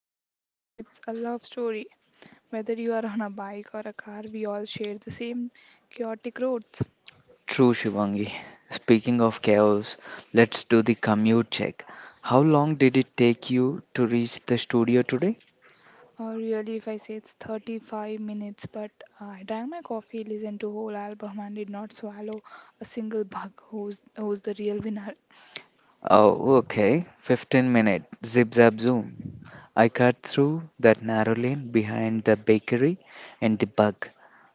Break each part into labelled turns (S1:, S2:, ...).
S1: just a war, it's a love story. Whether you are on a bike or a car, we all share the same chaotic roads.
S2: True, Shivangi. Speaking of chaos, let's do the commute check. How long did it take you to reach the studio today?
S1: Or really, if I say it's 35 minutes, but I drank my coffee, listened to whole album, and did not swallow a single bug. Who's the real winner?
S2: Oh, okay. 15 minute. Zip zap zoom. I cut through that narrow lane behind the bakery and the bug.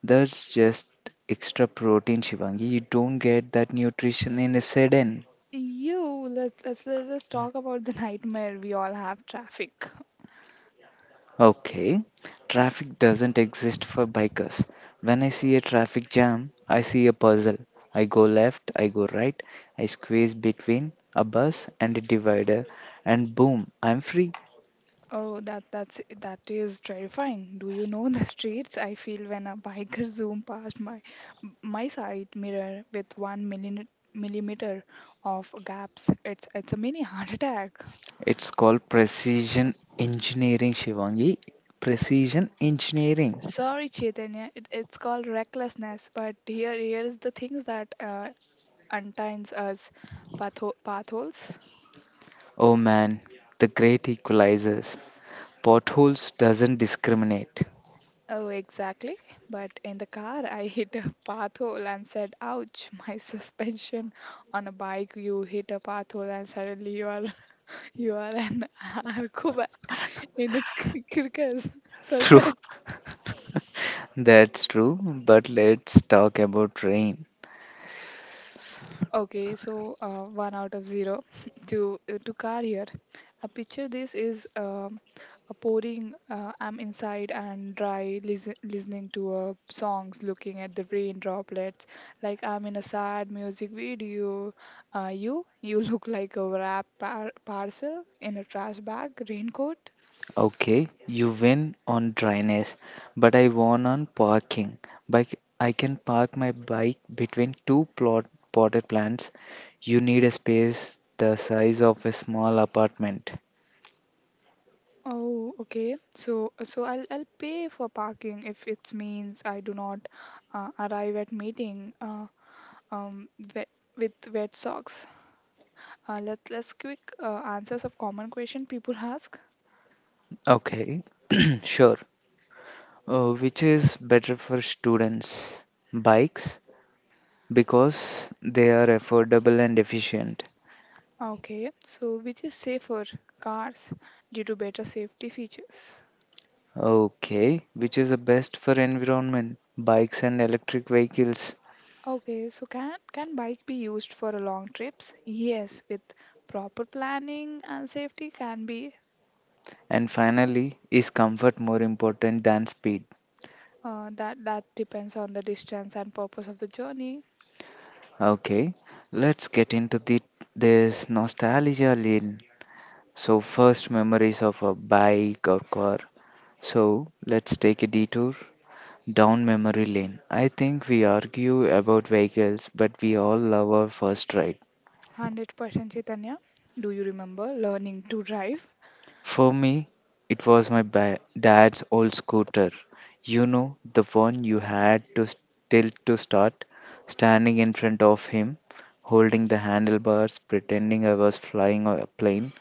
S2: That's just extra protein, Shivangi. You don't get that nutrition in a sedan.
S1: You. Let's talk about the nightmare we all have. Traffic.
S2: Okay. Traffic doesn't exist for bikers. When I see a traffic jam, I see a puzzle. I go left, I go right, I squeeze between a bus and a divider, and boom, I'm free.
S1: Oh, that is terrifying. Do you know the streets I feel when a biker zoom past my side mirror with one millimeter of gaps? It's a mini heart attack.
S2: It's called precision engineering, Shivangi. Precision engineering.
S1: Sorry, Chaitanya, it's called recklessness, but here is the things that unties us path holes.
S2: Oh man, the great equalizers. Potholes doesn't discriminate.
S1: Oh, exactly. But in the car, I hit a path hole and said, "Ouch!" My suspension on a bike, you hit a path hole and suddenly you are you are an acrobat in a cir- circus
S2: True.
S1: circus.
S2: That's true, but let's talk about rain.
S1: Okay, so one out of zero to car here. A picture this is a pouring. I'm inside and dry, listening to songs, looking at the rain droplets, like I'm in a sad music video. You look like a wrapped parcel in a trash bag, raincoat.
S2: Okay, you win on dryness, but I won on parking. Bike, I can park my bike between two plot potted plants. You need a space the size of a small apartment.
S1: Oh, okay. So I'll pay for parking if it means I do not arrive at meeting. Um, wet, with wet socks. Let's quick answer some common question people ask.
S2: Okay, sure. Which is better for students? Bikes, because they are affordable and efficient.
S1: Okay, so which is safer cars due to better safety features?
S2: Okay, which is the best for environment? Bikes and electric vehicles.
S1: Okay, so can bike be used for a long trips? Yes, with proper planning and safety can be
S2: And finally, is comfort more important than speed?
S1: that that depends on the distance and purpose of the journey.
S2: Okay, let's get into the this nostalgia lane. So first memories of a bike or car. So let's take a detour down memory lane. I think we argue about vehicles, but we all love our first ride.
S1: 100% Chaitanya. Do you remember learning to drive?
S2: For me, it was dad's old scooter. You know, the one you had to tilt to start, standing in front of him, holding the handlebars, pretending I was flying a plane.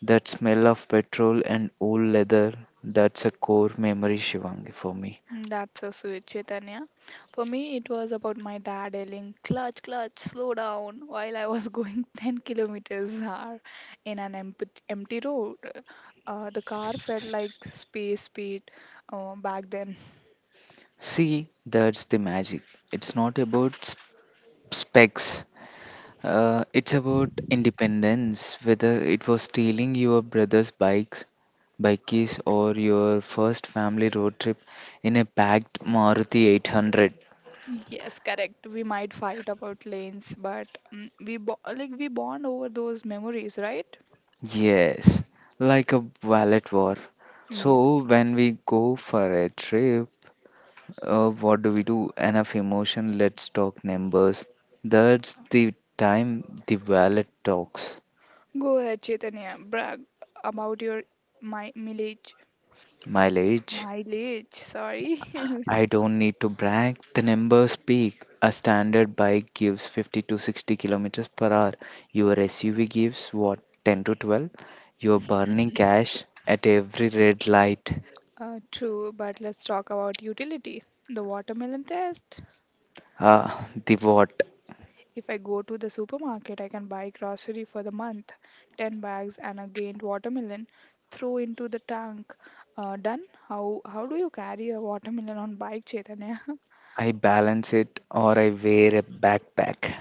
S2: That smell of petrol and old leather, that's a core memory, Shivangi, for me.
S1: Mm, that's so sweet, Chaitanya. For me, it was about my dad yelling, clutch, clutch, slow down, while I was going 10 kilometers an hour in an empty road. The car felt like space speed back then.
S2: See, that's the magic. It's not about specs. It's about independence, whether it was stealing your brother's bike keys, or your first family road trip in a packed Maruti 800.
S1: Yes, correct. We might fight about lanes, but we bo- like we bond over those memories, right?
S2: Yes, like a wallet war.
S1: Yeah.
S2: So when we go for a trip, what do we do? Enough emotion, let's talk numbers. That's the time the wallet talks.
S1: Go ahead, Chaitanya. Brag about your my mileage.
S2: Mileage,
S1: Mileage, sorry.
S2: I don't need to brag. The numbers speak. A standard bike gives 50 to 60 kilometers per hour. Your SUV gives what, 10 to 12. You're burning cash at every red light.
S1: True, but let's talk about utility. The watermelon test.
S2: Ah, the what?
S1: If I go to the supermarket, I can buy grocery for the month, 10 bags and a gained watermelon, throw into the tank. Done. How do you carry a watermelon on bike, Chaitanya?
S2: I balance it or I wear a backpack.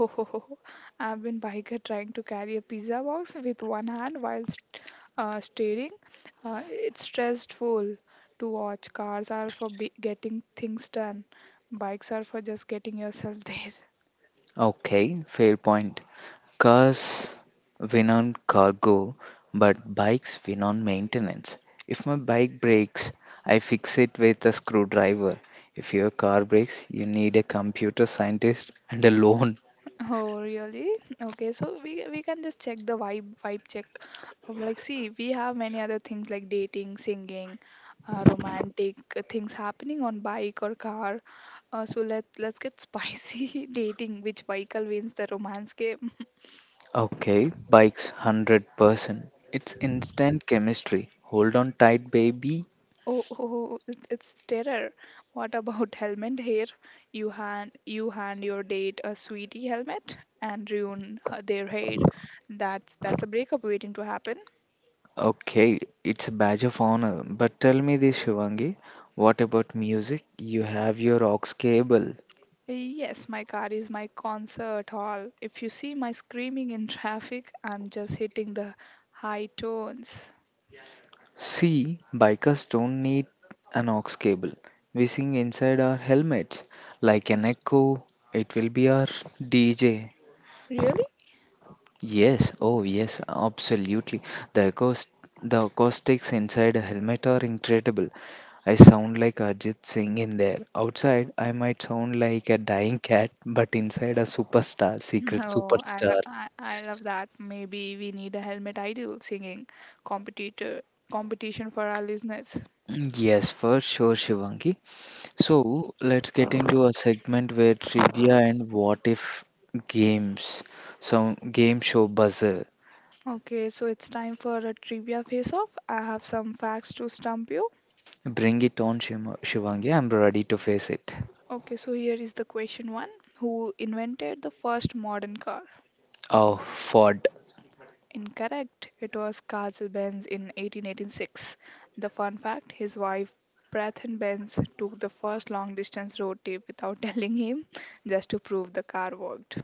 S1: Oh, I've been biker trying to carry a pizza box with one hand while steering. It's stressful to watch. Cars are for getting things done. Bikes are for just getting yourself there.
S2: Okay, fair point. Cars win on cargo, but bikes win on maintenance. If my bike breaks, I fix it with a screwdriver. If your car breaks, you need a computer scientist and a loan.
S1: Oh, really? Okay, so we can just check the vibe check. Like, see, we have many other things like dating, singing, romantic things happening on bike or car. Let's get spicy dating. Which vehicle wins the romance game?
S2: Okay, bikes 100%. It's instant chemistry. Hold on tight, baby.
S1: Oh, it's terror. What about helmet here? You hand your date a sweetie helmet and ruin their hair. That's a breakup waiting to happen.
S2: Okay, it's a badge of honor. But tell me this, Shivangi, what about music? You have your aux cable.
S1: Yes, my car is my concert hall. If you see my screaming in traffic, I'm just hitting the high tones.
S2: See, bikers don't need an aux cable. We sing inside our helmets like an echo. It will be our DJ.
S1: Really?
S2: Yes, oh yes, absolutely. The acoust- the acoustics inside a helmet are incredible. I sound like Arjit Singh in there. Outside, I might sound like a dying cat, but inside a superstar, secret
S1: No,
S2: superstar.
S1: I love that. Maybe we need a helmet ideal singing competitor competition for our listeners.
S2: Yes, for sure, Shivangi. So let's get into a segment where trivia and what if games, some game show buzzer.
S1: Okay, so it's time for a trivia face-off. I have some facts to stump you.
S2: Bring it on, Shivangi. I'm ready to face it.
S1: Okay, so here is the question one. Who invented the first modern car?
S2: Oh, Ford.
S1: Incorrect. It was Carl Benz in 1886. The fun fact his wife Bethan Benz took the first long distance road trip without telling him just to prove the car worked.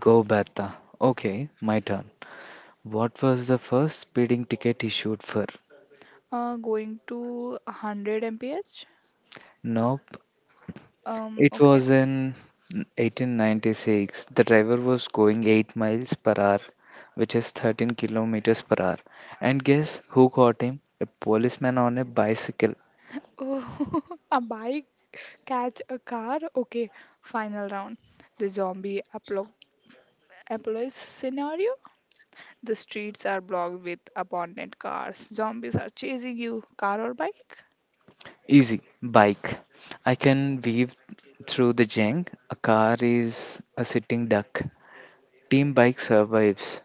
S2: Go Bata. Okay, my turn. What was the first speeding ticket issued for?
S1: Going to 100 mph?
S2: Nope, it
S1: Okay.
S2: was in 1896. The driver was going 8 miles per hour, which is 13 kilometers per hour. And guess who caught him? A policeman on a bicycle.
S1: Oh, a bike catch a car? Okay. Final round. The apocalypse scenario. The streets are blocked with abandoned cars. Zombies are chasing you, car or bike.
S2: Easy. Bike. I can weave through the junk. A car is a sitting duck. Team bike survives.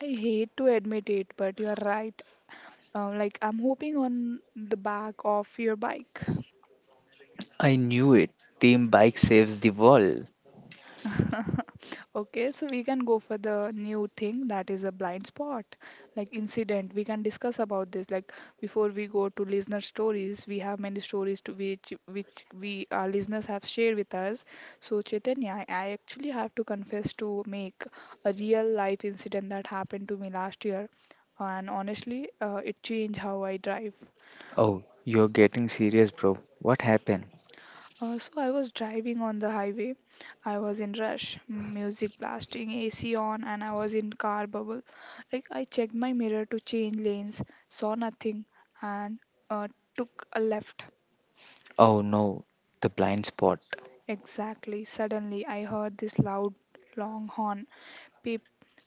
S1: I hate to admit it, but you're right. Like, I'm hoping on the back of your bike.
S2: I knew it. Team bike saves the world.
S1: Okay, so we can go for the new thing that is a blind spot, like incident. We can discuss about this. Like before we go to listener stories, we have many stories to which we our listeners have shared with us. So Chaitanya, I actually have to confess to make a real life incident that happened to me last year, and honestly, it changed how I drive.
S2: Oh, you're getting serious, bro. What happened?
S1: So I was driving on the highway. I was in rush, music blasting, AC on, and I was in car bubble. Like I checked my mirror to change lanes, saw nothing, and uh, took a left.
S2: Oh no, the blind spot.
S1: Exactly. Suddenly, I heard this loud, long horn. Beep.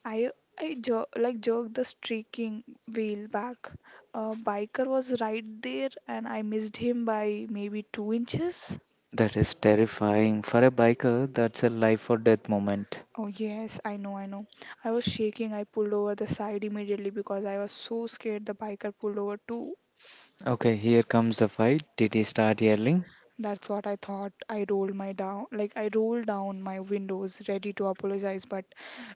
S1: I I jerked the streaking wheel back. A biker was right there, and I missed him by maybe 2 inches.
S2: That is terrifying. For a biker, that's a life or death moment.
S1: Oh, yes, I know, I know. I was shaking. I pulled over the side immediately because I was so scared the biker pulled over too.
S2: Okay, here comes the fight. Did he start yelling?
S1: That's what I thought. I rolled down my windows, ready to apologize, but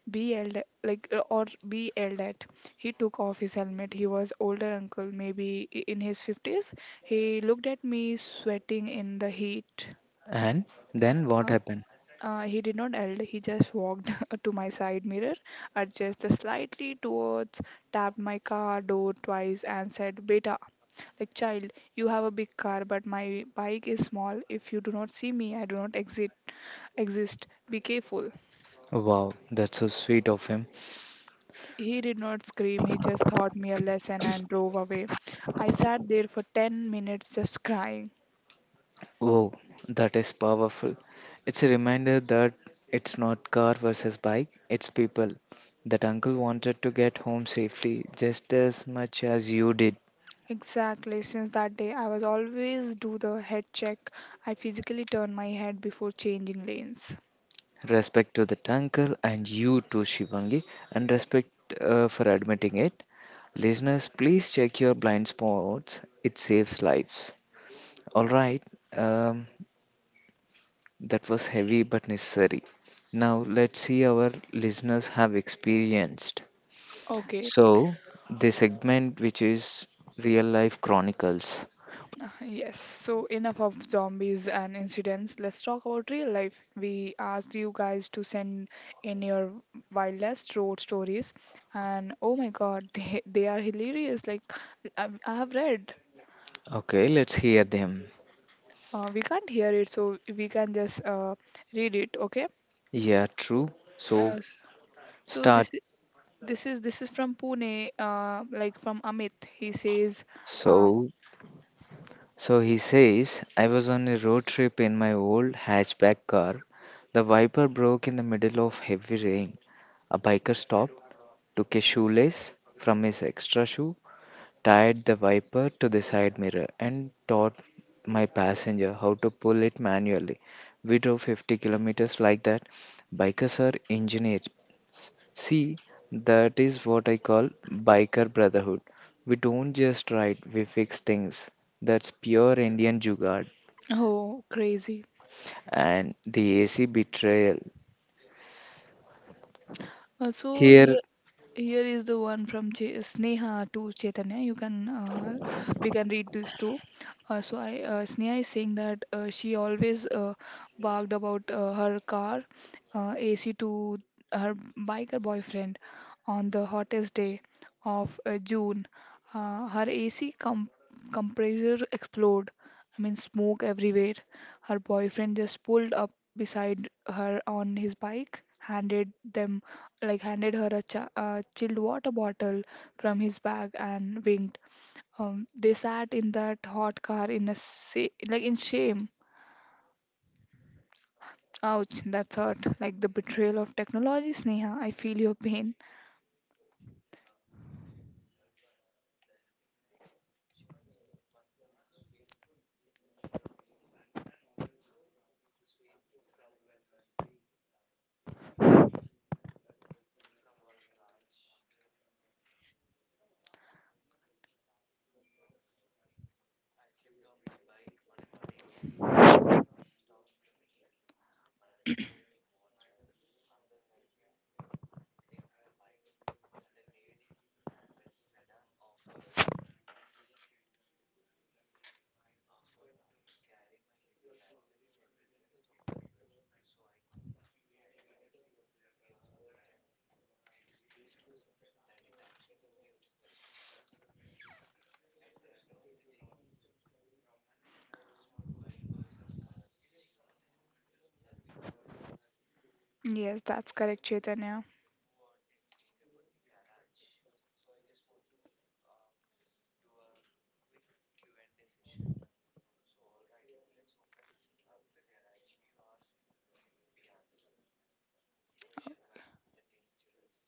S1: be yelled at. He took off his helmet. He was older uncle, maybe in his fifties. He looked at me, sweating in the heat.
S2: And then what
S1: Huh?
S2: happened?
S1: He did not yell, he just walked to my side mirror, adjusted slightly towards, tapped my car door twice, and said, Beta, like child, you have a big car, but my bike is small. If you do not see me, I do not exit, exist. Be careful.
S2: Wow, that's so sweet of him.
S1: He did not scream, he just taught me a lesson and drove away. I sat there for 10 minutes just crying.
S2: Oh, that is powerful. It's a reminder that it's not car versus bike, it's people. That uncle wanted to get home safely just as much as you did.
S1: Exactly. Since that day, I was always do the head check. I physically turn my head before changing lanes.
S2: Respect to that uncle and you too, Shivangi, and respect for admitting it. Listeners, please check your blind spots. It saves lives. All right, um, that was heavy but necessary. Now, let's see our listeners have experienced.
S1: Okay,
S2: So, the segment which is real life chronicles.
S1: yes, so enough of zombies and incidents. Let's talk about real life. We asked you guys to send in your wildest road stories, and oh my god, they are hilarious. Like, I have read,
S2: Okay, let's hear them.
S1: we can't hear it, so we can just read it, okay?
S2: Yeah, true. So,
S1: Uh, s- so
S2: start.
S1: this i- this is from Pune, from Amit. He says, um,
S2: So, so he says, I was on a road trip in my old hatchback car. The wiper broke in the middle of heavy rain. A biker stopped, took a shoelace from his extra shoe, tied the wiper to the side mirror, and taught my passenger how to pull it manually. We drove 50 kilometers like that. Bikers are engineers. See, that is what I call biker brotherhood. We don't just ride, we fix things. That's pure Indian jugaad
S1: "Oh, crazy."
S2: and the AC betrayal.
S1: Uh, so
S2: Here,
S1: here Here is the one from Sneha to Chaitanya. You can we can read this too. So I Sneha is saying that she always barked about her car AC to her biker boyfriend on the hottest day of June. Her compressor exploded. I mean smoke everywhere. Her boyfriend just pulled up beside her on his bike, handed them like handed her a chilled water bottle from his bag and winked. They sat in that hot car in a in shame. Ouch,
S2: okay.
S1: that's hurt. Like the betrayal of technology, Sneha. I feel your pain.
S2: Um, and the third one, the helping hand. Shivangi, one last sweet. Sweet from one Raj. I slipped on my bike on a muddy road. 3 cars stopped immediately. One uncle gave me water, another helped lift the bike, and a lady and a sedan offered to carry my heavy backpack for the rest of the route so I could ride lightly. We all meet at the next tea stall. That is actually beautiful. Sivangi, see, at the end of the day, it's not bike versus car, it's human help helping humans.
S1: Yes, that's
S2: Okay,
S1: correct, Chaitanya.
S2: what do you think about the garage? So I just want to do a quick Q&A session. So all right, let's open up the garage. You ask, we answer. Question one, the dangerous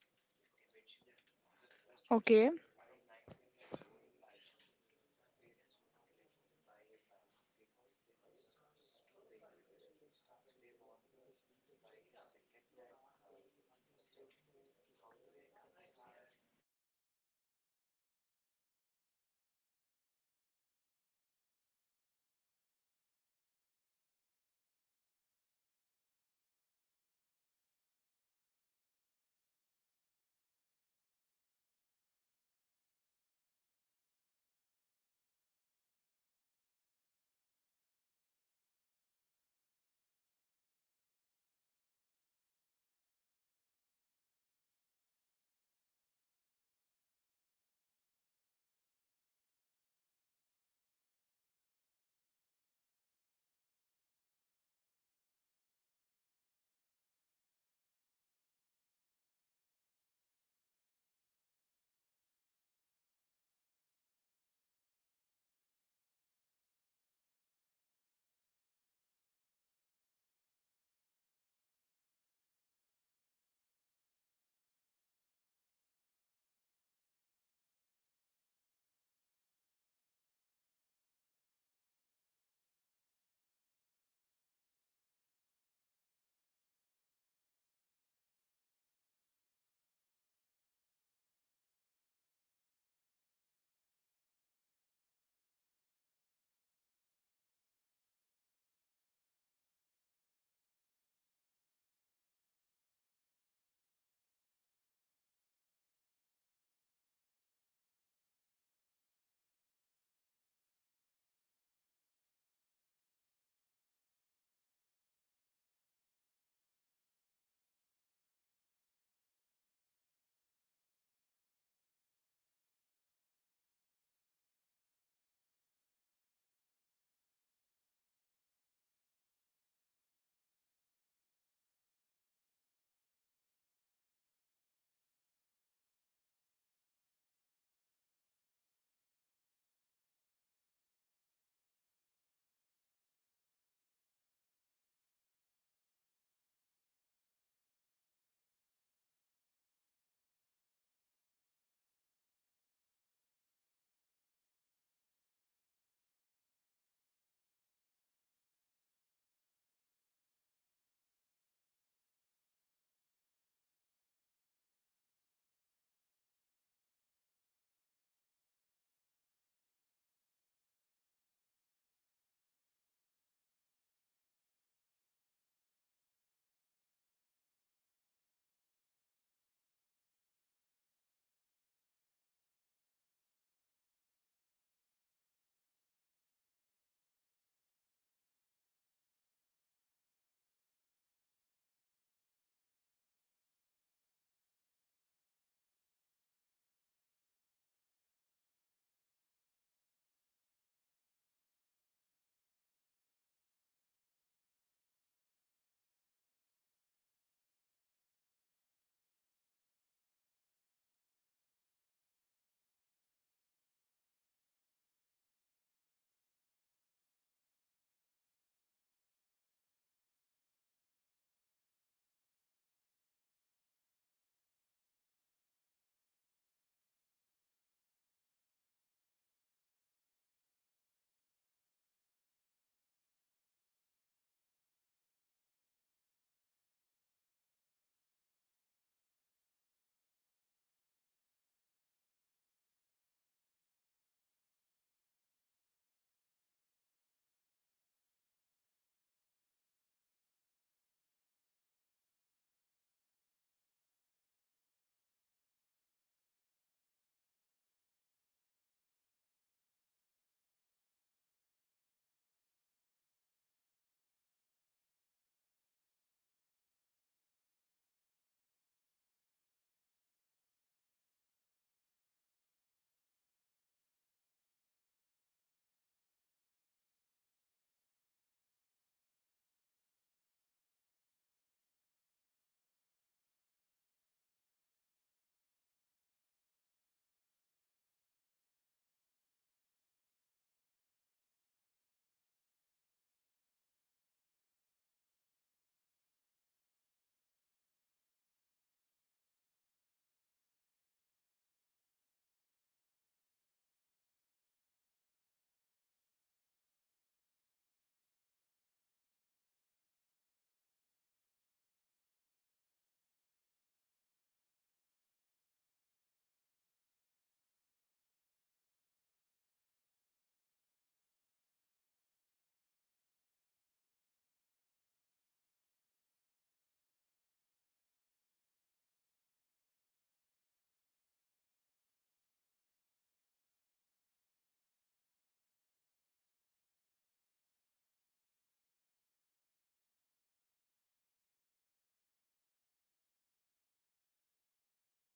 S2: debate, Shivangi. So, first
S1: Okay,
S2: question from 19 years old Arjun. My parents won't let me buy a bike because they say it's too dangerous. They want me buy a second hand car instead. How do I convince them? Oh,
S1: so I would like to I would like to request Chaitanya to answer this because he loves bike ride.
S2: okay. Okay, Arjun. The classic struggle. Look, Arjun, as a biker, I have to agree with your parents a little bit. It is riskier.
S1: Okay, uh, like
S2: Shivangi, we need your advice.
S1: my advice is like a compromise. Take a safety riding course, buy your best helmet and get before you buy the bike. Show them you are responsible, not reckless.
S2: Exactly. Don't show them videos of wheelies. Show them videos of safe touring. Okay, let's go to the second one, the back seat. My from Priya. My husband is terrible backseat driver. He keeps pressing an imaginary brake on the passenger side and gasping every time I change lanes. How do I stop him
S1: Oh, that's crazy. Oh, I know this this one. Priya, turn up the music, bro. That's it.
S2: or put him the backseat literally. Treat him like a VIP passenger. If he can't see the front windshield, he can't panic.
S1: Or just give him a task, honey. You are in charge of GPS. Distraction. Distract him. That's it.
S2: Okay, the last one and anonymous. It
S1: Okay,
S2: is it
S1: so
S2: embarrassing to learn how to ride a bike at 35? I never learned, but I want now. No, absolutely not.
S1: it's never too late, right?
S2: 35 is the perfect age. You are calmer, you have better judgment than an 18-year-old. Go for it. Just maybe practice in an empty parking lot first so you don't wobble into a vegetable cart. We laughed, we argued, and we shared stories. But before we go, we are happy very re- having a very special guest on the line. Shivangi,
S1: Um, yes, he has ridden a motorcycle to Ladakh, driven truck in Europe, and now drives a simple hatchback in Mumbai. Please, we have a person called Vikram sir. After listening to our debate today, uh, uh, he might be thinking something uh, like whether you are stuck in a traffic jam or a ring road or a open highway they heard you debating bikers and ours better the car is better but let me tell you something I learned after 40 years on the road does not care what you drive. The road does not care if you are cost like 50 lakhs or if you your bikes in second hand. The road treats us all same. This is what Vikram sir says. And the rain falls on the all of us, right? The sun shine on all of us. The path holes are for everyone, it's not like they shake all of us. Life is exactly uh, like that Indian highway. Sometime you will have to see the green light, every time moves fast. You get a promotion, you find love, you pass the exam, you feel like you're flying. Enjoy the speed but remember, no highway lasts forever. Sometime you will hit the red light, you will be stuck. You will be see other zooming past you, you like you in the service lane while standing still. You will feel the angry, you will feel left behind, but listen to me. Being stuck does not mean you are falling, it just means it's not your turn yet. So, this is what Vikram sir want to say. Also, he is saying that do not honk at your destiny, just wait, breathe. Signal will turn green. And finally, look at your vehicle. Windshield is the biggest gesture while, I mean, you're re reviewing mirror in the small gesture. Why? Because what is in front of you is so much more important than what is behind you. Stop looking at the past in the river, a mirror, or you will be a crash. I look forward to it. So, my friends, it does not matter if you're one or two wheels or four wheels. Stay in your lane, run your own race, and enjoy. Enjoy the journey because destination that's just a parking spot. Real life happens on the road. Drive safe, God bless. This is what Vikram sir want to say us. So I would like to like appreciate this. Wow, I actually have a goosebump.
S2: the destination is just a parking spot. That hit hard.
S1: So we
S2: Thank you
S1: would
S2: so much,
S1: really,
S2: Vikram
S1: we would
S2: sir.
S1: appreciate Vikram sir who have shared this speech to us.
S2: So, Shivangi, we survived the apocalypse, the rain, and the dating debate. What's the verdict?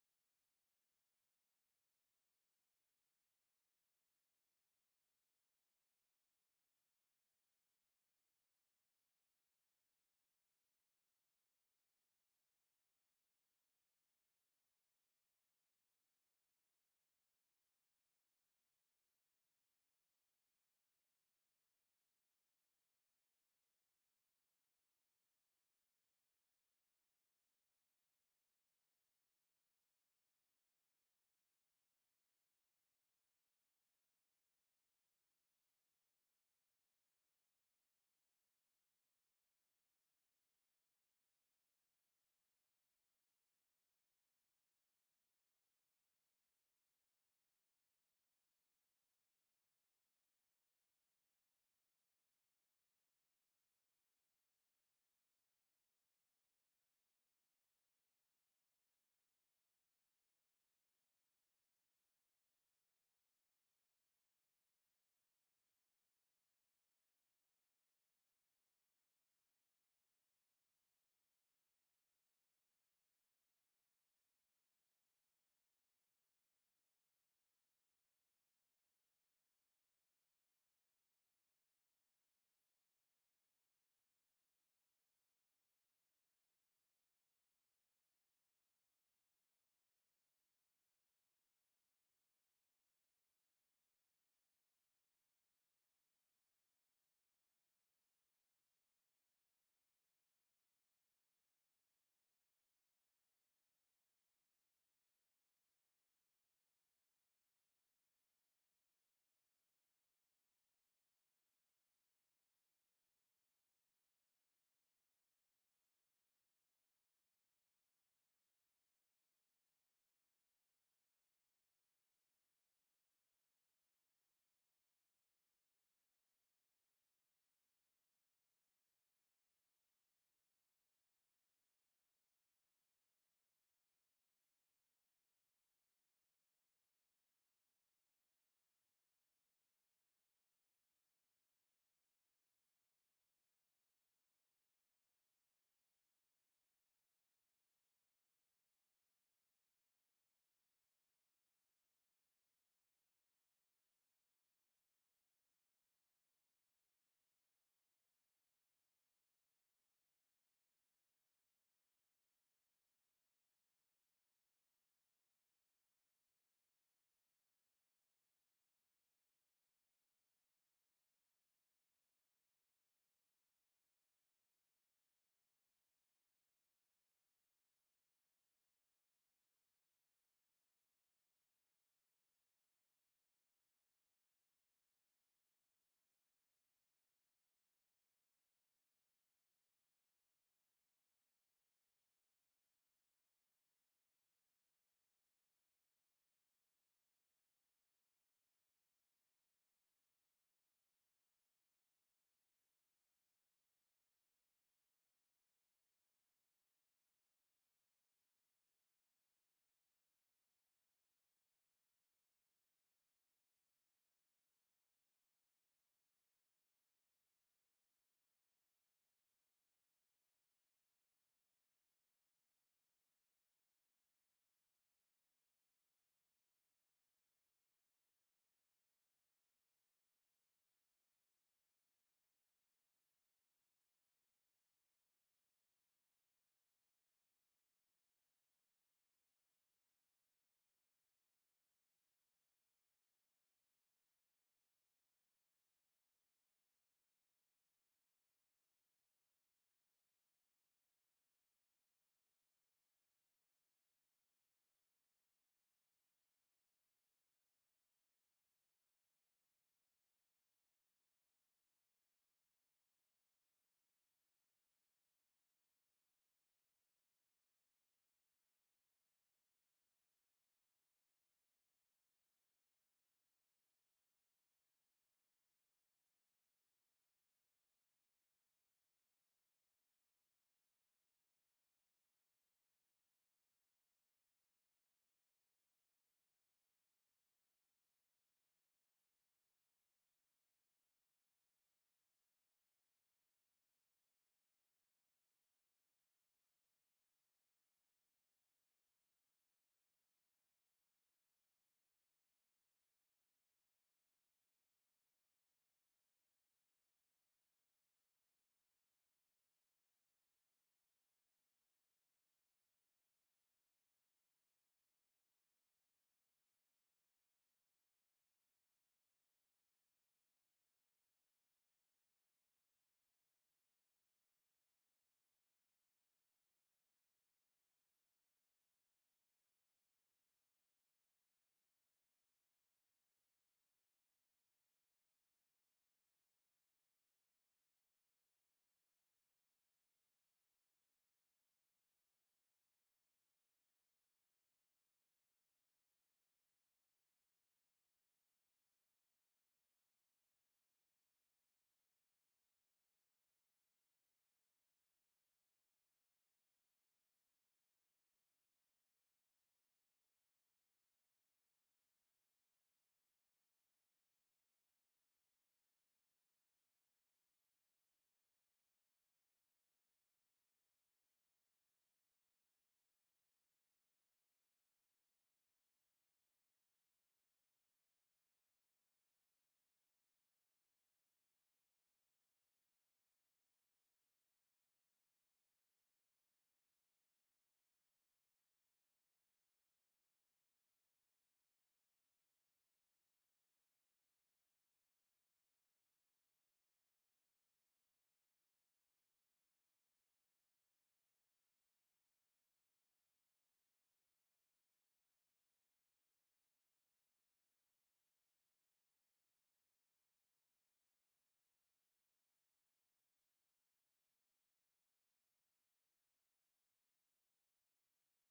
S1: Here is my take. If you want to arrive looking fresh, carry your friends and stay safe from the weather. Like card is king.
S2: But if you want to save money, save time, feel the thrill, and park literally anywhere. Bike
S1: Um,
S2: is boss.
S1: Okay but we have one listener like Rohan who texted, I used to be a biker, then I got a dog. Now I have a car, so my dog can stick his head out of the window.
S2: Okay, that wins. The best vehicle is whatever makes you and your dog happy,
S1: Exactly. So whether you have a two wheeler or four, wear your helmet, wear your seat belt, and use your indicators, guys. Please be careful while driving.
S2: especially the indicators. They are not festive lights, guys. Use them.
S1: Yes, it's not like it's a festive vibe or not, but what we can say is, um, we have to be safe, we have to be like
S2: Cautious
S1: cautious, we have to take our like precautions while driving,
S2: driving, bike or
S1: and
S2: car.
S1: yes,
S2: Each and every precautions we have to be follow while
S1: yes,
S2: riding.
S1: and especially when it is festival, when it is, um, traffic on the road, there are rallies
S2: and
S1: happening.
S2: and also especially I just want to add this on Shivangi, when it is raining be cautious more than the usual
S1: Hmm.
S2: days. Because safety gears are the must and should. It saves our life because everyone, because someone is waiting for us at home. So it's good to have our safety and taking care of our own safety and
S1: Um,
S2: passenger safety.
S1: yes,
S2: And
S1: Chaitanya, correct.
S2: it is being some kind of responsible and accountable to ourselves and our passengers too. What do you
S1: Hmm,
S2: say?
S1: yes, I can say that the same thing. Like, see, being safe is in our hand, right? Being safe is in our hand, and we have to be safe. And not only being safe, but we can drive slowly, we can make others to feel the same thing, right? I mean, you have to think about others also when you're driving, and also think that you're not only driving but also, it's your responsibility to make others feel safe, right Chaitanya?
S2: Yes, Shivangi, and I want add a pair of heels and a bag of chips and a yoga mat. Shivangi, this isn't a car. This is 1 BHK apartment.
S1: Yes, I understand, Chaitanya, that's the thing. What we can do is, see, I don't know what's happening what's not, but we also have many other things to discuss on this, and what we are doing now is like we will share the we will leave this on our listener who will say the, who have to share the, rules of, while driving bike while driving car. So I want I'll, s- I'll request everyone to share your rules, what you do, what safety precautions you take while driving car and bike. So as of now, we just want to say that, about our upcoming, chai versus coffee broadcast, um, that we are getting, next week, the liquor ward. I mean, Chaitanya, you can take this.
S2: Yeah, the liquor war, the word you say. I am team chai and all the way cutting chai, masala chai, all of it. So, hello, and I am a team cappuccino. So get ready for Kevin fight.
S1: All right, time, like also, if I say, I'm like, all, time to go. My car is parked in the shade, so it's nice and cool. How's your bike, Chaitanya?
S2: Sound of an engine trying to start but failing. Sputter, sputter, sputter, silence. Oh, Shivangi, what?
S1: Um, what happened, Chaitanya?
S2: Uh, it's a, it's not starting. I think I forgot to fill petrol.
S1: Oh, are you serious? The king of road is out of fuel?
S2: Ah, look, the tank is small. It happens. Can you give me a lift,
S1: Oh, how the tables have turned. Team bike asking team car to give a ride.
S2: please? I will hold your watermelon.
S1: Okay, fine, get in. But you are sitting in the back seat and now do not touch the AC settings.
S2: Deal. To
S1: Uh,
S2: the
S1: see, guys, in
S2: listener.
S1: the end, car always win. So we can also say that it's not just, like it's called being a prepaid, like your biker would not understand, you have one pocket and you think, you are ready for the world.
S2: Yeah, I'm ready for the war, Shivangi.
S1: Oh really, you're
S2: At
S1: ready
S2: least
S1: for
S2: I
S1: the world.
S2: don't pay property tax on my vehicle. Hey, change the song, put on something fast.
S1: No way, this is my de-stress drive playlist. We are listening to nai, right?
S2: Yes, and yeah, I need heavy metal, I need speed.
S1: You are in a hatchback, Chaitanya. We are going 40 kilometers per hour. Enjoy the NAR.
S2: Oh, so,
S1: Um, okay, so even we have here like, so if you want a safety, so what would you choose? Like choose a bike, I mean choose a car, or why did I say bike? I mean it's okay.
S2: because deep down you know the truth,
S1: Shut up.
S2: welcome to the Whale Tale. Today we are discussing and discussed about the AC vehicles,
S1: Oh,
S2: and I
S1: weak.
S2: just want to stretch it for the fact number one. The first car was invented by Elon Musk.
S1: No, wait, that's wrong. It's Carol Max. Who,
S2: Who
S1: who
S2: was
S1: was
S2: that
S1: this guy?
S2: guy?
S1: Yeah, like Carol, but
S2: Carl Benz, Karl Marx
S1: yeah, sorry,
S2: invented
S1: sorry for the
S2: communism.
S1: pronunciation.
S2: Shivangi, please don't mix them up.
S1: Yeah, I'm so sorry for that. I mean, I'm not mixing it, but um, fine.
S2: Okay.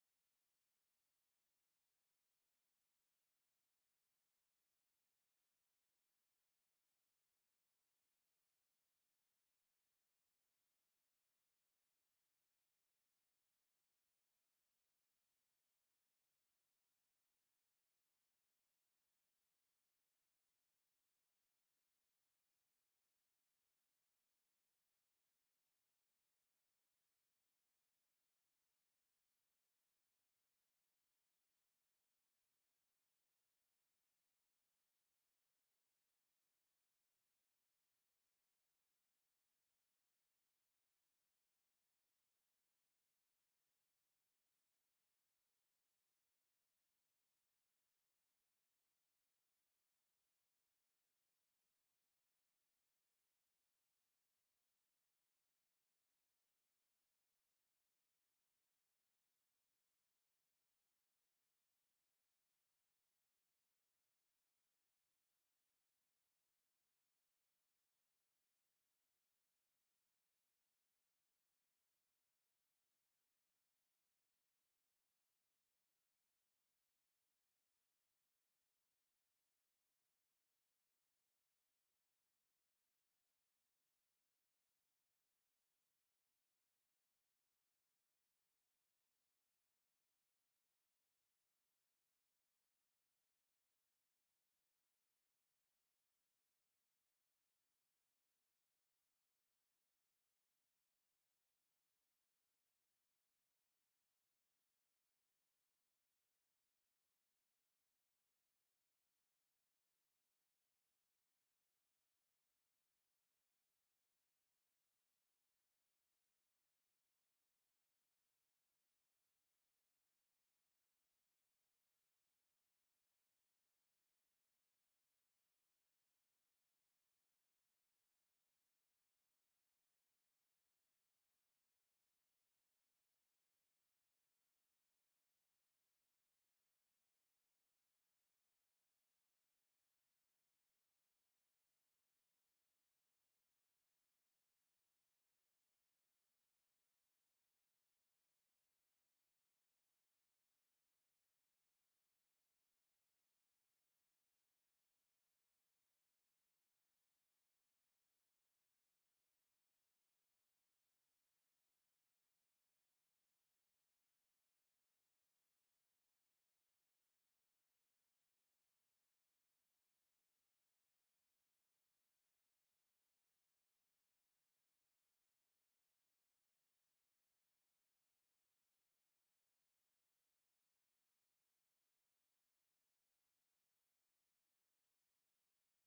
S2: Okay, guys, it's time to wind up. Hey, are you still listening? You are the real MVP since you stayed this long. Here is a secret code. Message us watermelon on Instagram, and I will send you a photo of Shivangi's messy car backseat. Don't tell her.
S1: Chaitanya, who are you talking to? I mean, really? You are
S2: No
S1: not gonna
S2: one,
S1: do
S2: just talking
S1: this.
S2: to the AC.
S1: No, no, weirdo, you don't have to do this. But what I want to say is like sometimes a messy car is, more fun than a simple plain bike.
S2: Yeah, exactly like our muddy bikes.
S1: Yes, the worst, like the, that smelly bike that, always dirt, and muds are,
S2: And
S1: stick
S2: it
S1: on that.
S2: it really looks like a good paint which is painted by
S1: Uh,
S2: Picasso on our
S1: okay
S2: bikes and
S1: okay so
S2: cars.
S1: so Chaitanya, also we can say that, so for our future podcast, would you like caffeine, or you are a chai tapri person?
S2: Oh, don't. So I'm a completely chai person.
S1: But wait, do
S2: It's a
S1: like
S2: wise decision, by the way.
S1: okay, done, so right now you want to do, have a chai party or coffee? What are you willing to...
S2: Let's see. This is the problem. If we were on a bike, I would have parked inside the shop and nobody would care.
S1: Oh like but where, like where do you park?
S2: That could have been us, Shivangi. We could have been sipping masala chai by now,
S1: But,
S2: but
S1: see, for
S2: no,
S1: taking your chai tapri, I cannot park my, car over there. Like we don't have that that many space.
S2: yeah, but we are circling the block in your luxury living room. You
S1: Okay,
S2: wouldn't dare.
S1: okay. Uh, like uh, Watch me, chalo. Let's watch me.
S2: Okay, guys, it's been a great day to
S1: Yes, yes. Thank you
S2: discuss.
S1: so much, guys. It was great conversation with Chaitanya and discussion with Vinay. Bike versus car, but
S2: Cars.
S1: also, what safety should we take and a real life example of ourselves what we felt while driving. And...
S2: Yes, please follow the podcast
S1: Yes,
S2: and
S1: and I also
S2: message
S1: listeners.
S2: us on Instagram. The code which
S1: Yes,
S2: I have already told, Watch Milan.
S1: yes. So
S2: Chalo,
S1: I
S2: bye
S1: want
S2: bye,
S1: you people to
S2: guys.
S1: say that how you people carry a watermelon on your bike. If listeners are mostly boys and girls, girls are not mostly bikers, but we have many boys who are bikers. So I want your story to share how you carry grocery on your bikes.
S2: Okay, guys.
S1: Bye bye.
S2: Bye
S1: Have a
S2: bye.
S1: great day.
S2: Take
S1: Have
S2: care.
S1: a great destination journey. Safe,
S2: Yes.
S1: safe driving.
S2: Yeah, you too, Shivangi. Bye
S1: Bye-bye.
S2: bye.